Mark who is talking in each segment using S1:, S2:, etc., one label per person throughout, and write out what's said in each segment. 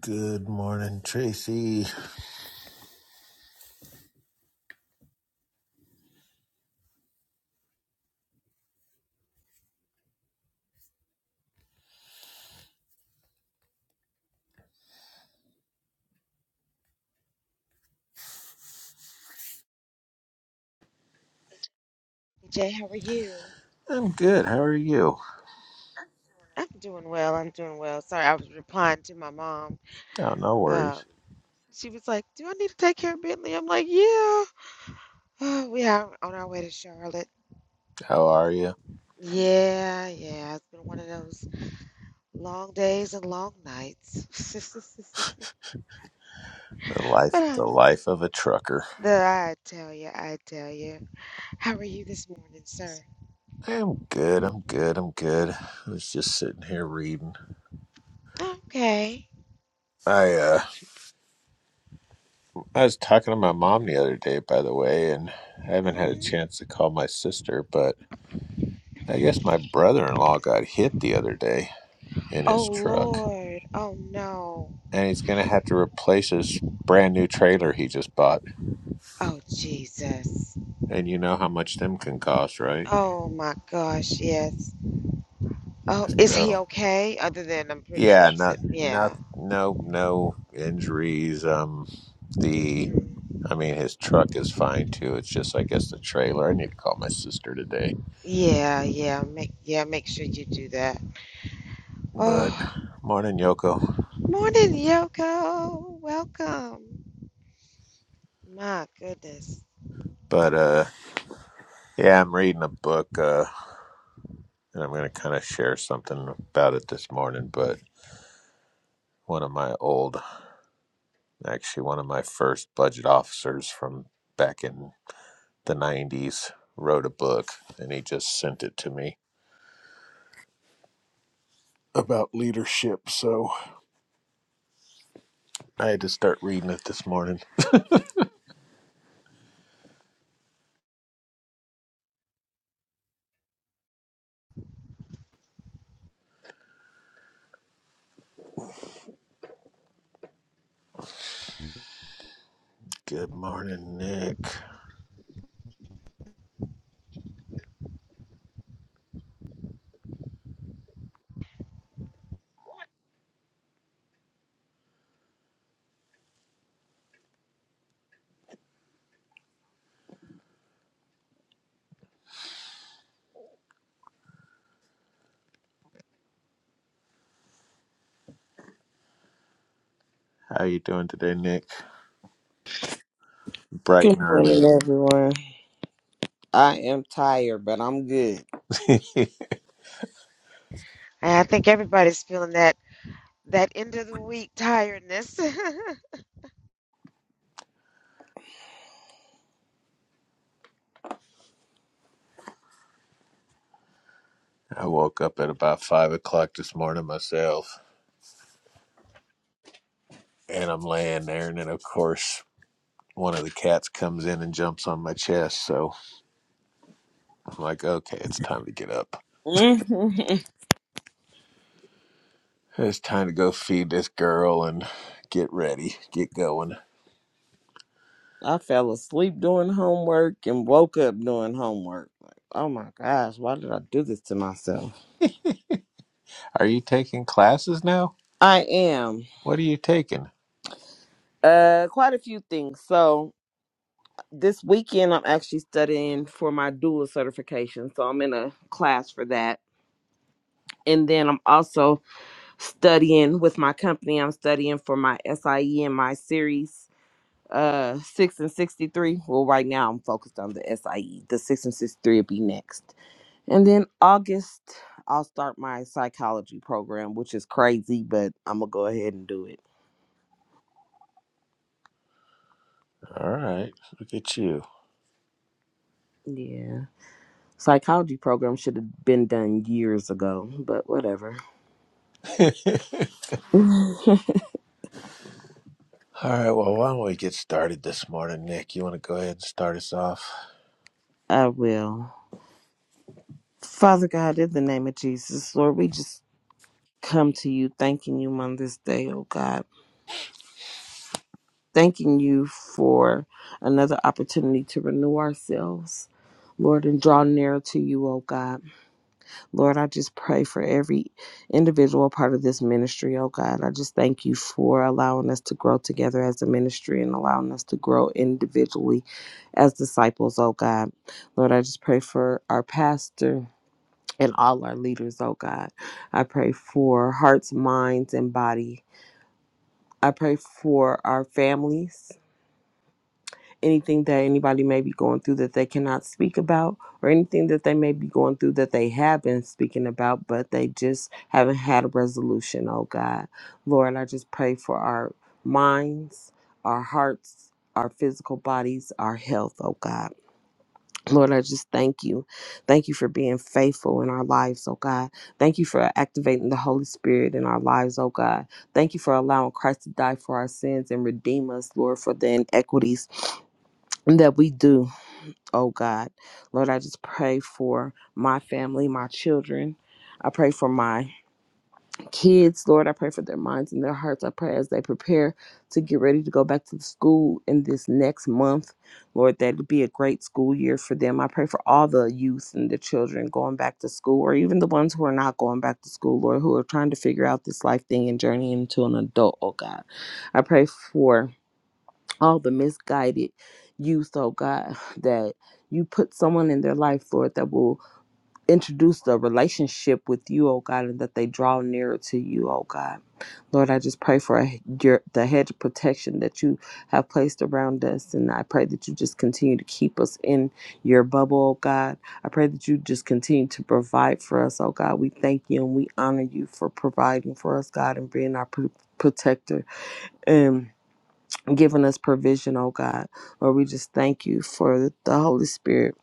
S1: Good morning, Tracy.
S2: Jay, how are you?
S1: I'm good. How are you?
S2: I'm doing well. I'm doing well. Sorry, I was replying to my mom.
S1: Oh, no
S2: Um,
S1: worries.
S2: she was like, "Do I need to take care of Bentley?" I'm like, "Yeah, we are on our way to Charlotte."
S1: How are you?
S2: Yeah, yeah. It's been one of those long days and long nights.
S1: The life,
S2: But um,
S1: the life of a trucker.
S2: the I tell you, I tell you. How are you this morning, sir?
S1: I'm good. I'm good. I'm good. I was just sitting here reading.
S2: Okay.
S1: I uh, I was talking to my mom the other day, by the way, and I haven't had a
S2: hmm
S1: chance to call my sister, but I guess my brother-in-law got hit the other day in
S2: Oh
S1: his truck,
S2: Lord. Oh no.
S1: and he's gonna have to replace his brand new trailer he just bought.
S2: Oh Jesus.
S1: And you know how much them can cost, right?
S2: Oh my gosh, yes. Oh, is he
S1: So
S2: okay? Other than I'm pretty sure
S1: yeah,
S2: upset.
S1: not not
S2: Yeah.
S1: no no injuries. Um the
S2: hmm
S1: I mean his truck is fine too. It's just I guess the trailer. I need to call my sister today.
S2: Yeah, yeah. Make yeah, make sure you do that.
S1: But
S2: Oh,
S1: morning Yoko.
S2: morning, Yoko. Welcome. My goodness.
S1: But uh yeah, I'm reading a book, uh and I'm gonna kinda share something about it this morning, but one of my old actually one of my first budget officers from back in the nineties wrote a book and he just sent it to me about leadership, so I had to start reading it this morning. Good morning, Nick. How you doing today, Nick? Bright
S3: Good
S1: and early.
S3: morning, everyone. I am tired, but I'm good.
S1: I
S2: And I think everybody's feeling that that end of the week tiredness.
S1: woke up at about five o'clock this morning myself, and I'm laying there, and then of course one of the cats comes in and jumps on my chest. So I'm like, okay, it's time to get up. It's time to go feed this girl and get ready, get going.
S3: I fell asleep doing homework and woke up doing homework. Like, oh my gosh, why did I do this to myself?
S1: Are you taking classes now?
S3: I am
S1: What are you taking?
S3: uh quite a few things. So this weekend I'm actually studying for my dual certification, so I'm in a class for that. And then I'm also studying with my company. I'm studying for my SIE and my series uh six and sixty three. Well, right now I'm focused on the SIE. The six and sixty three will be next, and then August I'll start my psychology program, which is crazy, but I'm gonna go ahead and do it.
S1: All right, look at you.
S3: Yeah, psychology program should have been done years ago, but whatever.
S1: All right, well, why don't we get started this morning, Nick? You want to go ahead and start us off?
S3: I will. Father God, in the name of Jesus, Lord, we just come to you thanking you on this day, oh God. thanking you for another opportunity to renew ourselves, Lord, and draw nearer to you, oh God. Lord, I just pray for every individual part of this ministry, oh God. I just thank you for allowing us to grow together as a ministry and allowing us to grow individually as disciples, oh God. Lord, I just pray for our pastor. And all our leaders, oh God. I pray for hearts, minds, and body. I pray for our families. anything that anybody may be going through that they cannot speak about or anything that they may be going through that they have been speaking about but they just haven't had a resolution oh god lord i just pray for our minds our hearts our physical bodies our health oh god Lord, I just thank you. Thank you for being faithful in our lives, oh God. Thank you for activating the Holy Spirit in our lives, oh God. Thank you for allowing Christ to die for our sins and redeem us, Lord, for the inequities that we do oh God. Lord, I just pray for my family, my children. I pray for my kids, Lord. I pray for their minds and their hearts. I pray as they prepare to get ready to go back to the school in this next month, Lord, that it be a great school year for them. I pray for all the youth and the children going back to school, or even the ones who are not going back to school, Lord, who are trying to figure out this life thing and journey into an adult, oh God. I pray for all the misguided youth, oh God, that you put someone in their life, Lord, that will introduce the relationship with you, oh God, and that they draw nearer to you, oh God. Lord, I just pray for a, your, the hedge of protection that you have placed around us. And I pray that you just continue to keep us in your bubble, oh God. I pray that you just continue to provide for us, oh God. We thank you and we honor you for providing for us, God, and being our pr- protector. And giving us provision, oh God. Lord, we just thank you for the Holy Spirit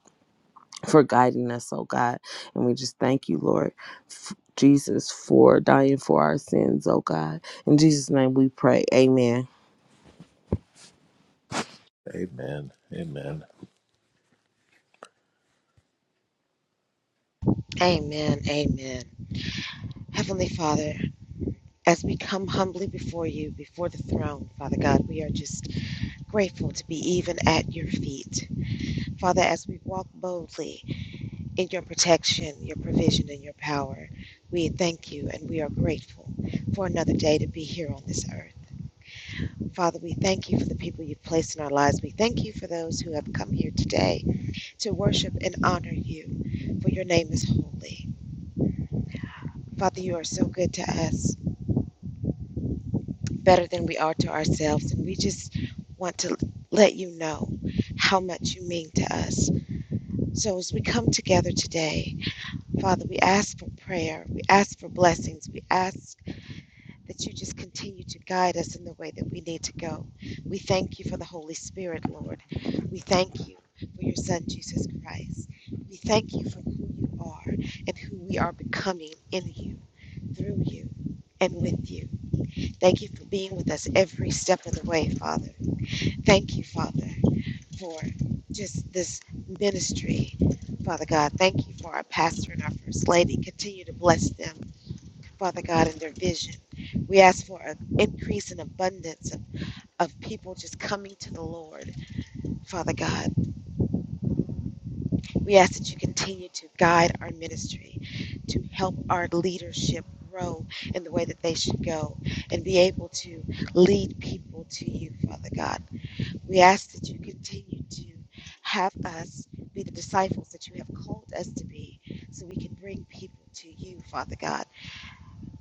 S3: for guiding us, oh God. And we just thank you, Lord. f- Jesus for dying for our sins, oh God. In Jesus' name we pray. Amen.
S1: Amen. Amen.
S2: amen. Amen. Heavenly Father, as we come humbly before you, before the throne, Father God, we are just grateful to be even at your feet. Father, as we walk boldly in your protection, your provision, and your power. We thank you and we are grateful for another day to be here on this earth. Father, we thank you for the people you've placed in our lives. We thank you for those who have come here today to worship and honor you, for your name is holy. Father, you are so good to us, better than we are to ourselves, and we just want to let you know how much you mean to us. So as we come together today, Father, we ask for prayer, we ask for blessings, we ask that you just continue to guide us in the way that we need to go. We thank you for the Holy Spirit, Lord. We thank you for your Son, Jesus Christ. We thank you for who you are and who we are becoming in you, through you, and with you. Thank you for being with us every step of the way, Father. Thank you, Father, for just this ministry. Father God, thank you for our pastor and our first lady. Continue to bless them. Father God, in their vision. We ask for an increase and abundance of, of people just coming to the Lord, Father God. We ask that you continue to guide our ministry, to help our leadership grow in the way that they should go, and be able to lead people to you, Father God. We ask that you continue to have us be the disciples that you have called us to be, so we can bring people to you, Father God.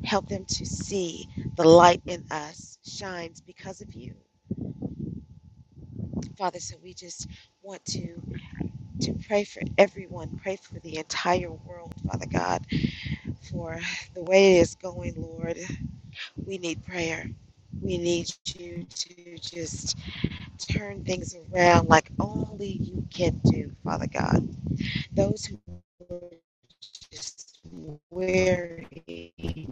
S2: Help them to see the light in us shines because of you. Father, so we just want to, to pray for everyone, pray for the entire world, Father God, for the way it is going, Lord. We need prayer. We need you to just turn things around like only you can do, Father God. Those who are just weary,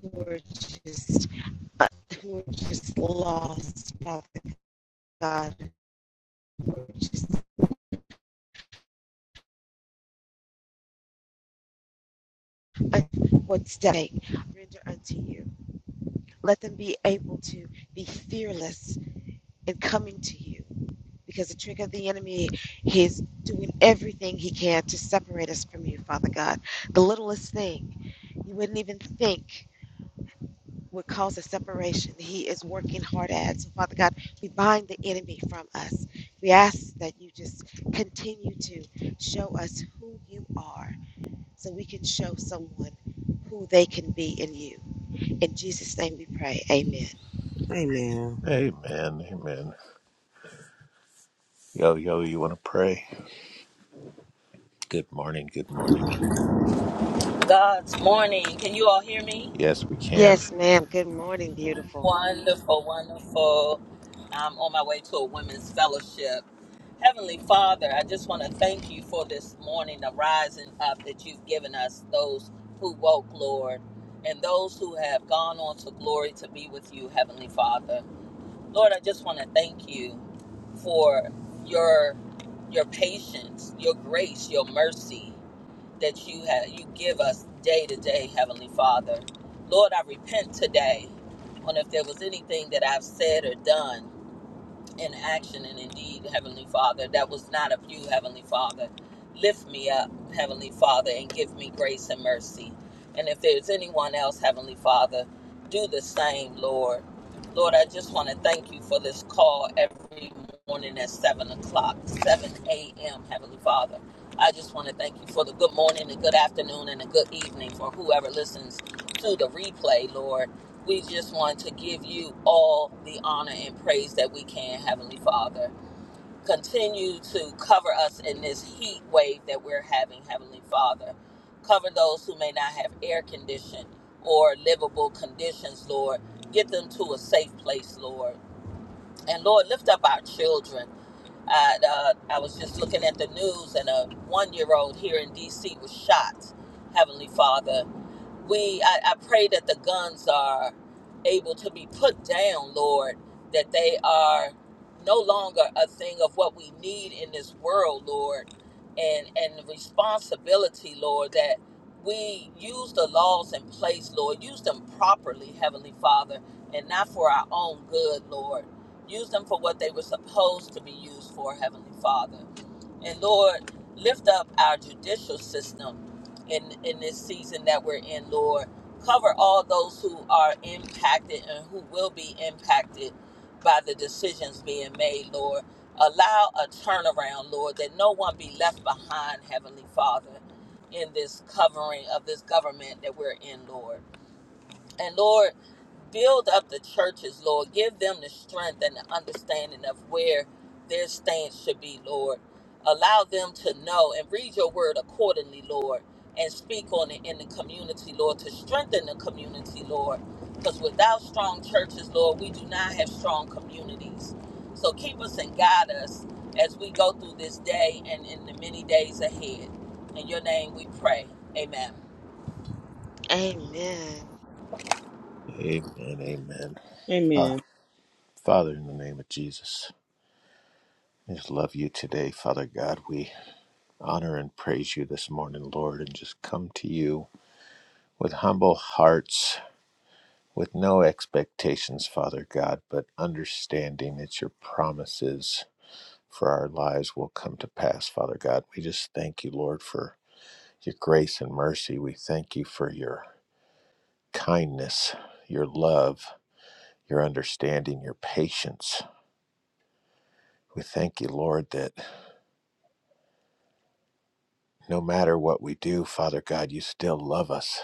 S2: who are just who are just lost, Father God, which is what's day render unto you. Let them be able to be fearless in coming to you, because the trick of the enemy he is doing everything he can to separate us from you, Father God. The littlest thing you wouldn't even think would cause a separation. He is working hard at. So, Father God, we bind the enemy from us. We ask that you just continue to show us who you are so we can show someone who they can be in you. In Jesus' name we pray. Amen.
S3: Amen.
S1: Amen. Amen. Yo, yo, you want to pray? Good morning. Good morning.
S4: God's morning. Can you all hear me?
S1: Yes, we can.
S2: Yes, ma'am. Good morning, beautiful.
S4: Wonderful, wonderful. I'm on my way to a women's fellowship. Heavenly Father, I just want to thank you for this morning, the rising up that you've given us, those who woke, Lord, and those who have gone on to glory to be with you, Heavenly Father. Lord, I just want to thank you for your your patience, your grace, your mercy. that you have you give us day to day, Heavenly Father. Lord, I repent today on if there was anything that I've said or done in action. And indeed, Heavenly Father, that was not of you, Heavenly Father. Lift me up, Heavenly Father, and give me grace and mercy. And if there's anyone else, Heavenly Father, do the same, Lord. Lord, I just want to thank you for this call every morning at 7 o'clock, 7 a.m., Heavenly Father. I just want to thank you for the good morning, the good afternoon, and the good evening for whoever listens to the replay, Lord. We just want to give you all the honor and praise that we can, Heavenly Father. Continue to cover us in this heat wave that we're having, Heavenly Father. Cover those who may not have air condition or livable conditions, Lord. Get them to a safe place, Lord. And Lord, lift up our children. I, uh, I was just looking at the news, and a one year old here in D.C. was shot, Heavenly Father we I, I pray that the guns are able to be put down lord that they are no longer a thing of what we need in this world lord and and the responsibility lord that we use the laws in place lord use them properly heavenly father and not for our own good lord use them for what they were supposed to be used for heavenly father and Lord, lift up our judicial system in, in this season that we're in, Lord. Cover all those who are impacted and who will be impacted by the decisions being made, Lord. Allow a turnaround, Lord, that no one be left behind, Heavenly Father, in this covering of this government that we're in, Lord. And Lord, build up the churches, Lord. Give them the strength and the understanding of where their stance should be, Lord. Allow them to know and read your word accordingly, Lord, and speak on it in the community, Lord, to strengthen the community, Lord. Because without strong churches, Lord, we do not have strong communities. So keep us and guide us as we go through this day and in the many days ahead. In your name we pray. Amen.
S2: Amen.
S1: Amen. Amen. Ah,
S3: Amen.
S1: Father, in the name of Jesus, I just love you today, Father God. We honor and praise you this morning, Lord, and just come to you with humble hearts, with no expectations, Father God, but understanding it's your promises for our lives will come to pass, Father God. We just thank you, Lord, for your grace and mercy. We thank you for your kindness, your love, your understanding, your patience. We thank you, Lord, that no matter what we do, Father God, you still love us.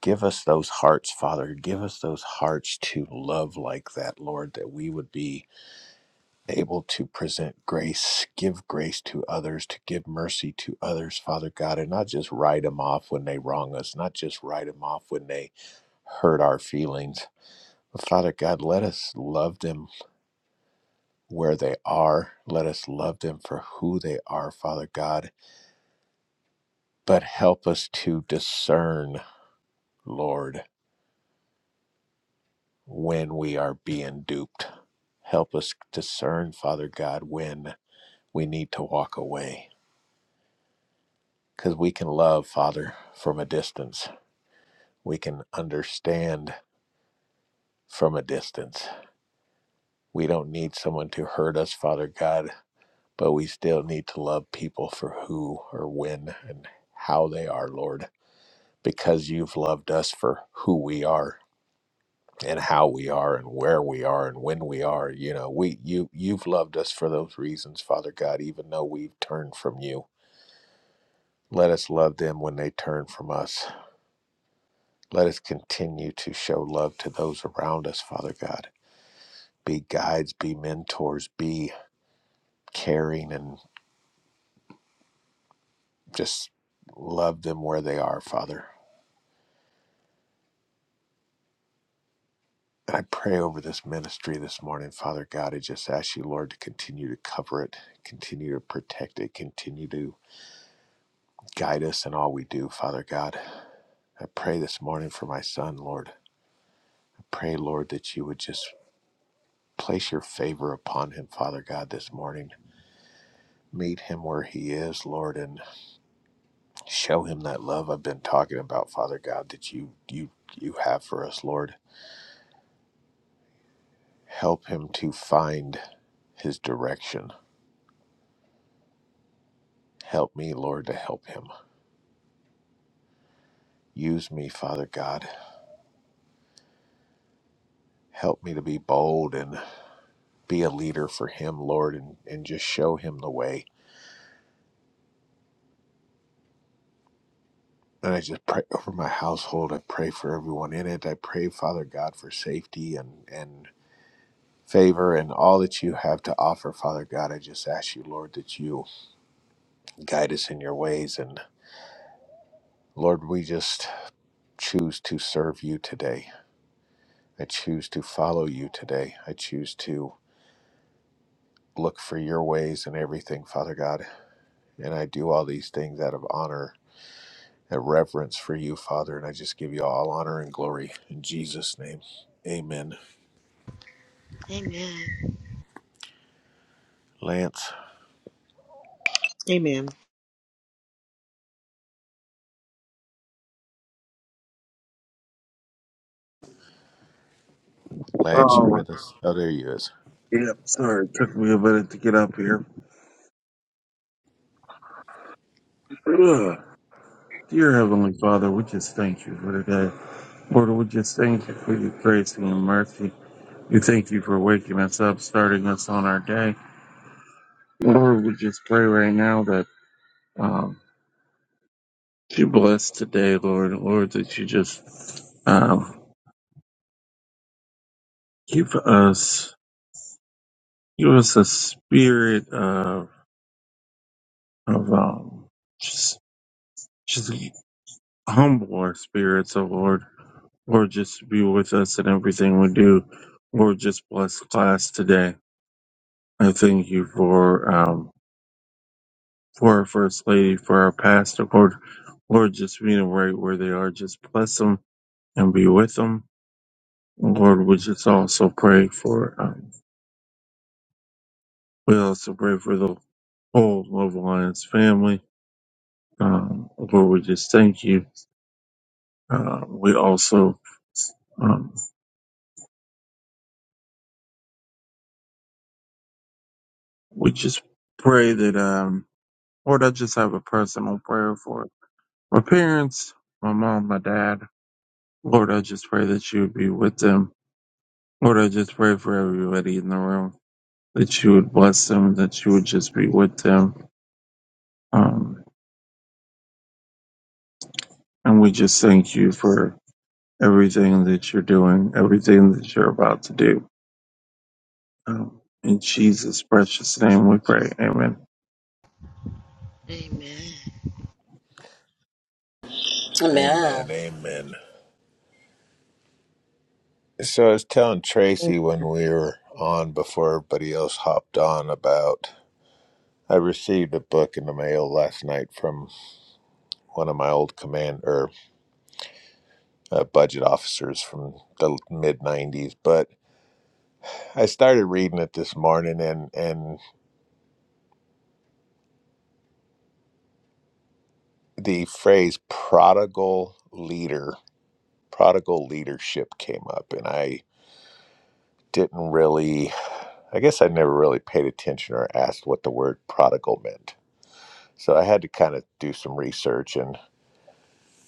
S1: Give us those hearts, Father. Give us those hearts to love like that, Lord, that we would be able to present grace, give grace to others, to give mercy to others, Father God, and not just write them off when they wrong us, not just write them off when they hurt our feelings. But Father God, let us love them where they are. Let us love them for who they are, Father God. But help us to discern, Lord, when we are being duped. Help us discern, Father God, when we need to walk away because we can love, Father, from a distance. We can understand from a distance. We don't need someone to hurt us, Father God, but we still need to love people for who or when and how they are, Lord, because you've loved us for who we are and how we are and where we are and when we are you know we you you've loved us for those reasons father god even though we've turned from you let us love them when they turn from us Let us continue to show love to those around us, Father God. Be guides, be mentors, be caring, and just love them where they are, Father. And I pray over this ministry this morning, Father God. I just ask you, Lord, to continue to cover it, continue to protect it, continue to guide us in all we do, Father God. I pray this morning for my son, Lord. I pray, Lord, that you would just place your favor upon him, Father God, this morning. Meet him where he is, Lord, and Show him that love I've been talking about, Father God, that you you you have for us, Lord. Help him to find his direction. Help me, Lord, to help him. Use me, Father God. Help me to be bold and be a leader for him, Lord, and, and just show him the way. And I just pray over my household. I pray for everyone in it. I pray, Father God, for safety and, and favor and all that you have to offer, Father God. I just ask you, Lord, that you guide us in your ways and Lord, we just choose to serve you today. I choose to follow you today. I choose to look for your ways in everything, Father God. And I do all these things out of honor and reverence for you, Father. And I just give you all honor and glory in Jesus' name. Amen.
S2: Amen.
S1: Lance,
S3: Amen.
S1: Lance, you
S5: Oh,
S1: with us? Oh, there you is.
S5: yep. Sorry, it took me a minute to get up here. Ugh. Dear Heavenly Father, we just thank you for today. Lord, we just thank you for your grace and your mercy. We thank you for waking us up, starting us on our day. Lord, we just pray right now that um, you bless today, Lord. Lord, that you just um, give us give us a spirit of of um, just. humble our spirits, O Lord. Lord, just be with us in everything we do. Lord, just bless class today. I thank you for um, for our first lady, for our pastor, Lord. Lord, just meet them right where they are. Just bless them and be with them. Lord, we just also pray for um, we also pray for the whole Love Alliance family. Um, Lord, we just thank you. Uh, we also um, we just pray that. Um, Lord, I just have a personal prayer for my parents, my mom, my dad. Lord, I just pray that you would be with them. Lord, I just pray for everybody in the room that you would bless them, that you would just be with them. Um, and we just thank you for everything that you're doing, everything that you're about to do. Um, in Jesus' precious name we pray. Amen.
S2: Amen.
S4: Amen.
S1: Amen. Amen. So I was telling
S3: Amen.
S1: Tracy when we were on before everybody else hopped on about I received a book in the mail last night from one of my old command. uh, budget officers from the mid 90s but i started reading it this morning and and the phrase prodigal leader prodigal leadership came up and i didn't really i guess i never really paid attention or asked what the word prodigal meant so i had to kind of do some research and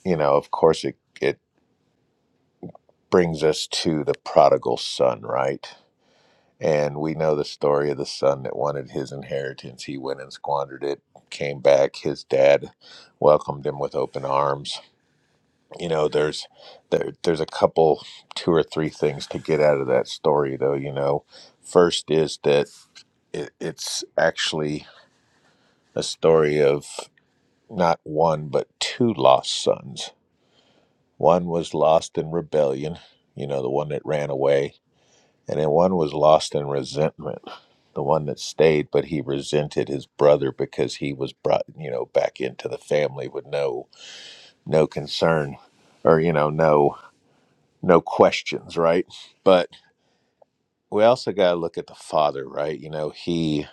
S1: you know of course it it brings us to the prodigal son right And we know the story of the son that wanted his inheritance. He went and squandered it, came back. His dad welcomed him with open arms. You know, there's there, there's a couple, two or three things to get out of that story, though. You know, first is that it, it's actually a story of not one but two lost sons. One was lost in rebellion, you know, the one that ran away, And then one was lost in resentment, the one that stayed, but he resented his brother because he was brought, you know, back into the family with no no concern or, you know, no no questions, right? But we also gotta look at the father, right? You know, he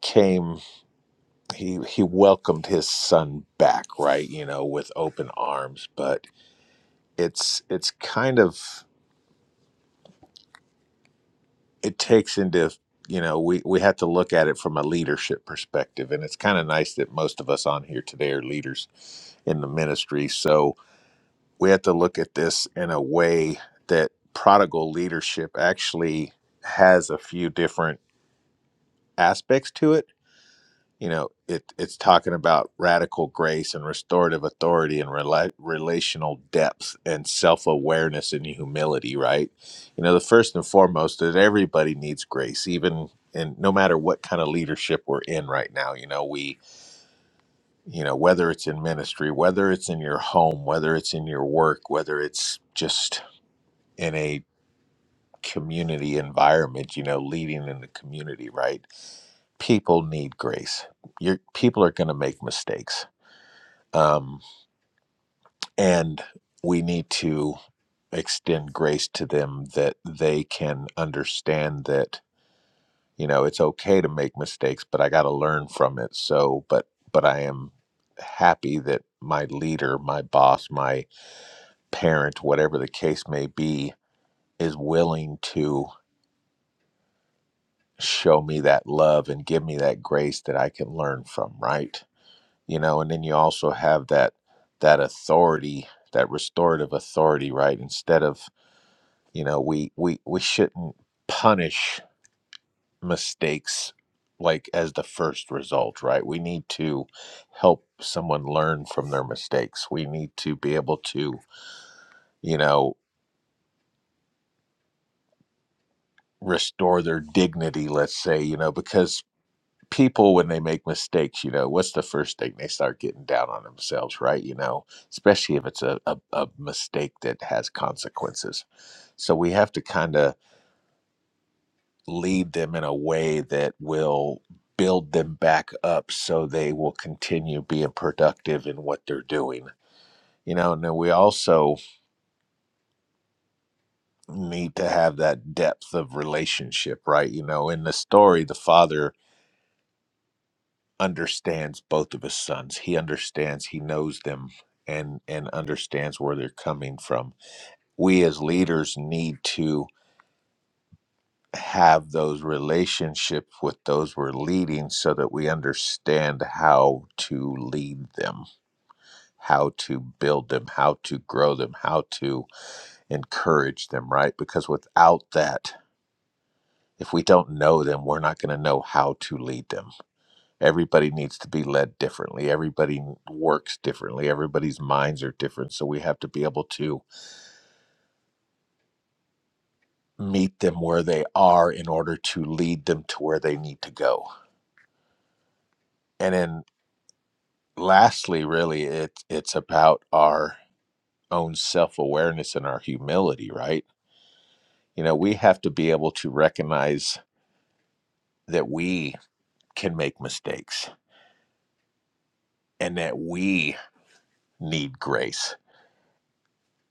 S1: came he he welcomed his son back, right? You know, with open arms, but it's it's kind of it takes into you know we we have to look at it from a leadership perspective and it's kind of nice that most of us on here today are leaders in the ministry so we have to look at this in a way that prodigal leadership actually has a few different aspects to it you know it it's talking about radical grace and restorative authority and rela- relational depth and self-awareness and humility right you know the first and foremost that everybody needs grace even and no matter what kind of leadership we're in right now you know we you know whether it's in ministry whether it's in your home whether it's in your work whether it's just in a community environment you know leading in the community right people need grace your people are going to make mistakes um, and we need to extend grace to them that they can understand that you know it's okay to make mistakes but i got to learn from it so but but i am happy that my leader my boss my parent whatever the case may be is willing to show me that love and give me that grace that i can learn from right you know and then you also have that that authority that restorative authority right instead of You know, we we we shouldn't punish mistakes like as the first result, right? We need to help someone learn from their mistakes. We need to be able to, you know, restore their dignity, let's say, you know, because people when they make mistakes, you know, what's the first thing they start getting down on themselves, right? You know, especially if it's a, a, a mistake that has consequences. So we have to kind of lead them in a way that will build them back up so they will continue being productive in what they're doing. You know, and then we also need to have that depth of relationship, right? You know, in the story, the father understands both of his sons. He understands, he knows them and and understands where they're coming from. We as leaders need to have those relationships with those we're leading so that we understand how to lead them, how to build them, how to grow them, how to encourage them, right? Because without that, if we don't know them, we're not going to know how to lead them. Everybody needs to be led differently. Everybody works differently. Everybody's minds are different. So we have to be able to meet them where they are in order to lead them to where they need to go. And in lastly, really, it, it's about our own self awareness and our humility, right? You know, we have to be able to recognize that we can make mistakes and that we need grace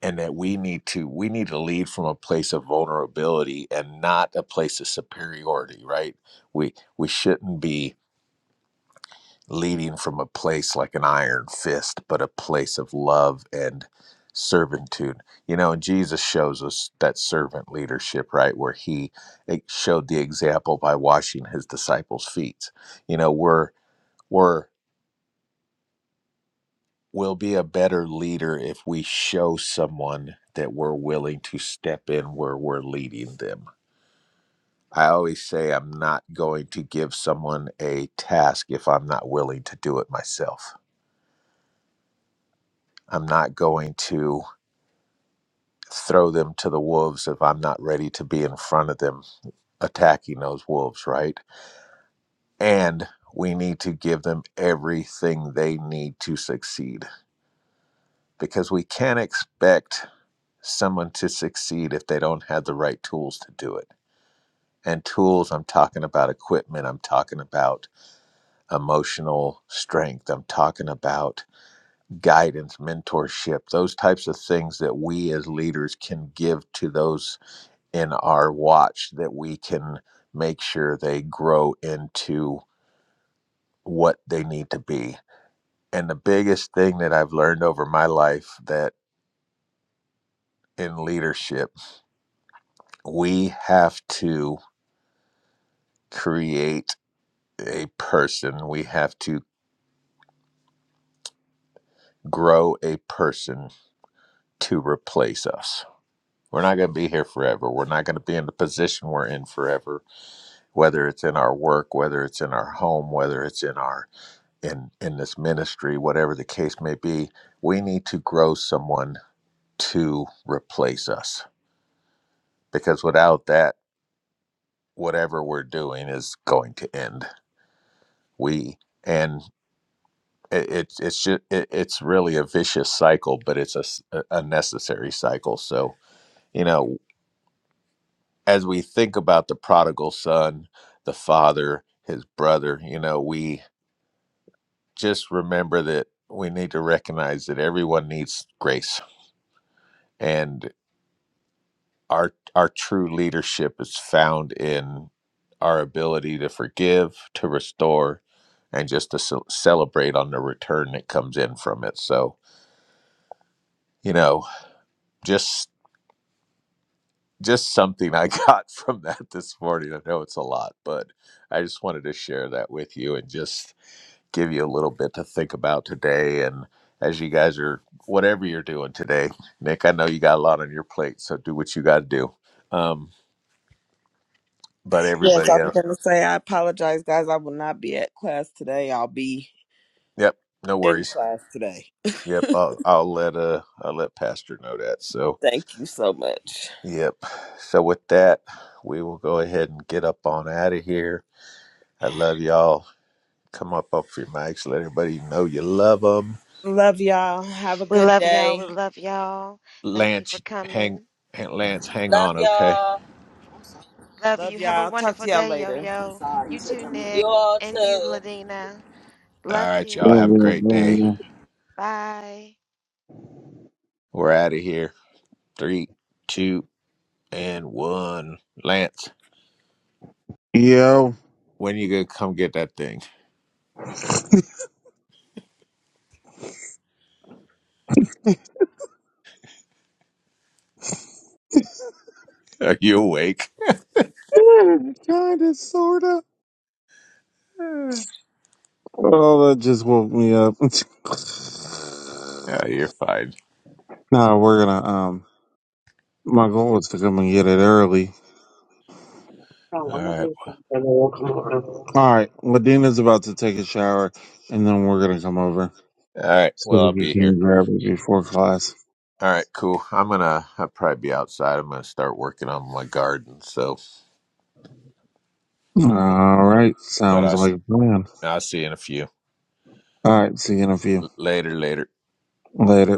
S1: and that we need to we need to lead from a place of vulnerability and not a place of superiority right we we shouldn't be leading from a place like an iron fist, but a place of love and servitude. You know, and Jesus shows us that servant leadership, right? Where he e, showed the example by washing his disciples' feet. You know, we're we're we'll be a better leader if we show someone that we're willing to step in where we're leading them. I always say I'm not going to give someone a task if I'm not willing to do it myself. I'm not going to throw them to the wolves if I'm not ready to be in front of them attacking those wolves, right? And we need to give them everything they need to succeed because we can't expect someone to succeed if they don't have the right tools to do it. And tools, I'm talking about equipment, I'm talking about emotional strength, I'm talking about guidance, mentorship, those types of things that we as leaders can give to those in our watch that we can make sure they grow into what they need to be. And the biggest thing that I've learned over my life that in leadership, we have to create a person, we have to grow a person to replace us. We're not going to be here forever. We're not going to be in the position we're in forever, whether it's in our work, whether it's in our home, whether it's in our in in this ministry, whatever the case may be, we need to grow someone to replace us because without that, whatever we're doing is going to end. We and it, it's it's just it, it's really a vicious cycle, but it's a, s- a a necessary cycle. So you know, as we think about the prodigal son, the father, his brother, you know, we just remember that we need to recognize that everyone needs grace and our our true leadership is found in our ability to forgive, to restore, and just to ce- celebrate on the return that comes in from it. So, you know, just just something I got from that this morning. I know it's a lot, but I just wanted to share that with you and just give you a little bit to think about today and as you guys are whatever you're doing today. Nick, I know you got a lot on your plate, so do what you got to do. Um, but
S3: Yes,
S1: everybody
S3: I was
S1: else,
S3: going to say, I apologize, guys. I will not be at class today. I'll be
S1: yep, no
S3: in
S1: worries.
S3: class today.
S1: Yep, I'll, I'll let uh I'll let Pastor know that. So,
S3: Thank you so much.
S1: yep. So with that, we will go ahead and get up on out of here. I love y'all. Come up off your mics. Let everybody know you love them.
S3: Love y'all. Have a
S2: We
S3: good
S2: love y'all. We
S3: day.
S2: love y'all. Thank you for
S1: Lance, hang,
S2: coming.
S1: hang- Lance, hang
S4: Love
S1: on, okay?
S4: y'all.
S2: Love
S3: Love
S2: you. Have a
S3: y'all. Talk to
S2: wonderful
S3: y'all
S2: day, yo
S3: later.
S2: yo. You too,
S4: You
S2: Nick.
S4: all
S2: And you,
S4: too.
S2: Ladina.
S1: All
S2: Love
S1: right, y'all.
S5: Oh,
S2: you.
S1: Have a
S5: yeah,
S1: great
S5: oh,
S1: day.
S2: Bye.
S1: We're out of here. Three, two, and one. Lance,
S5: yeah. Yo.
S1: when you gonna come get that thing? Are you awake?
S5: kind of, sort of.
S1: oh,
S5: Oh, that just woke me up.
S1: you're fine.
S5: no, we're going to, um, my goal was to come and get it early. Oh, I'm
S1: All
S5: gonna
S1: right.
S5: take some, and then we'll come over. All right, Medina's about to take a shower, and then we're gonna come over
S1: All right.
S5: so
S1: Well, I'll
S5: we
S1: be here.
S5: can grab it before class.
S1: All right, cool. I'm gonna I'll probably be outside. I'm gonna start working on my garden. So,
S5: All
S1: but,
S5: right,
S1: but
S5: sounds
S1: I
S5: like
S1: s-
S5: a plan.
S1: I'll see you in a few.
S5: All right, see you in a few.
S1: Later, later.
S5: Later.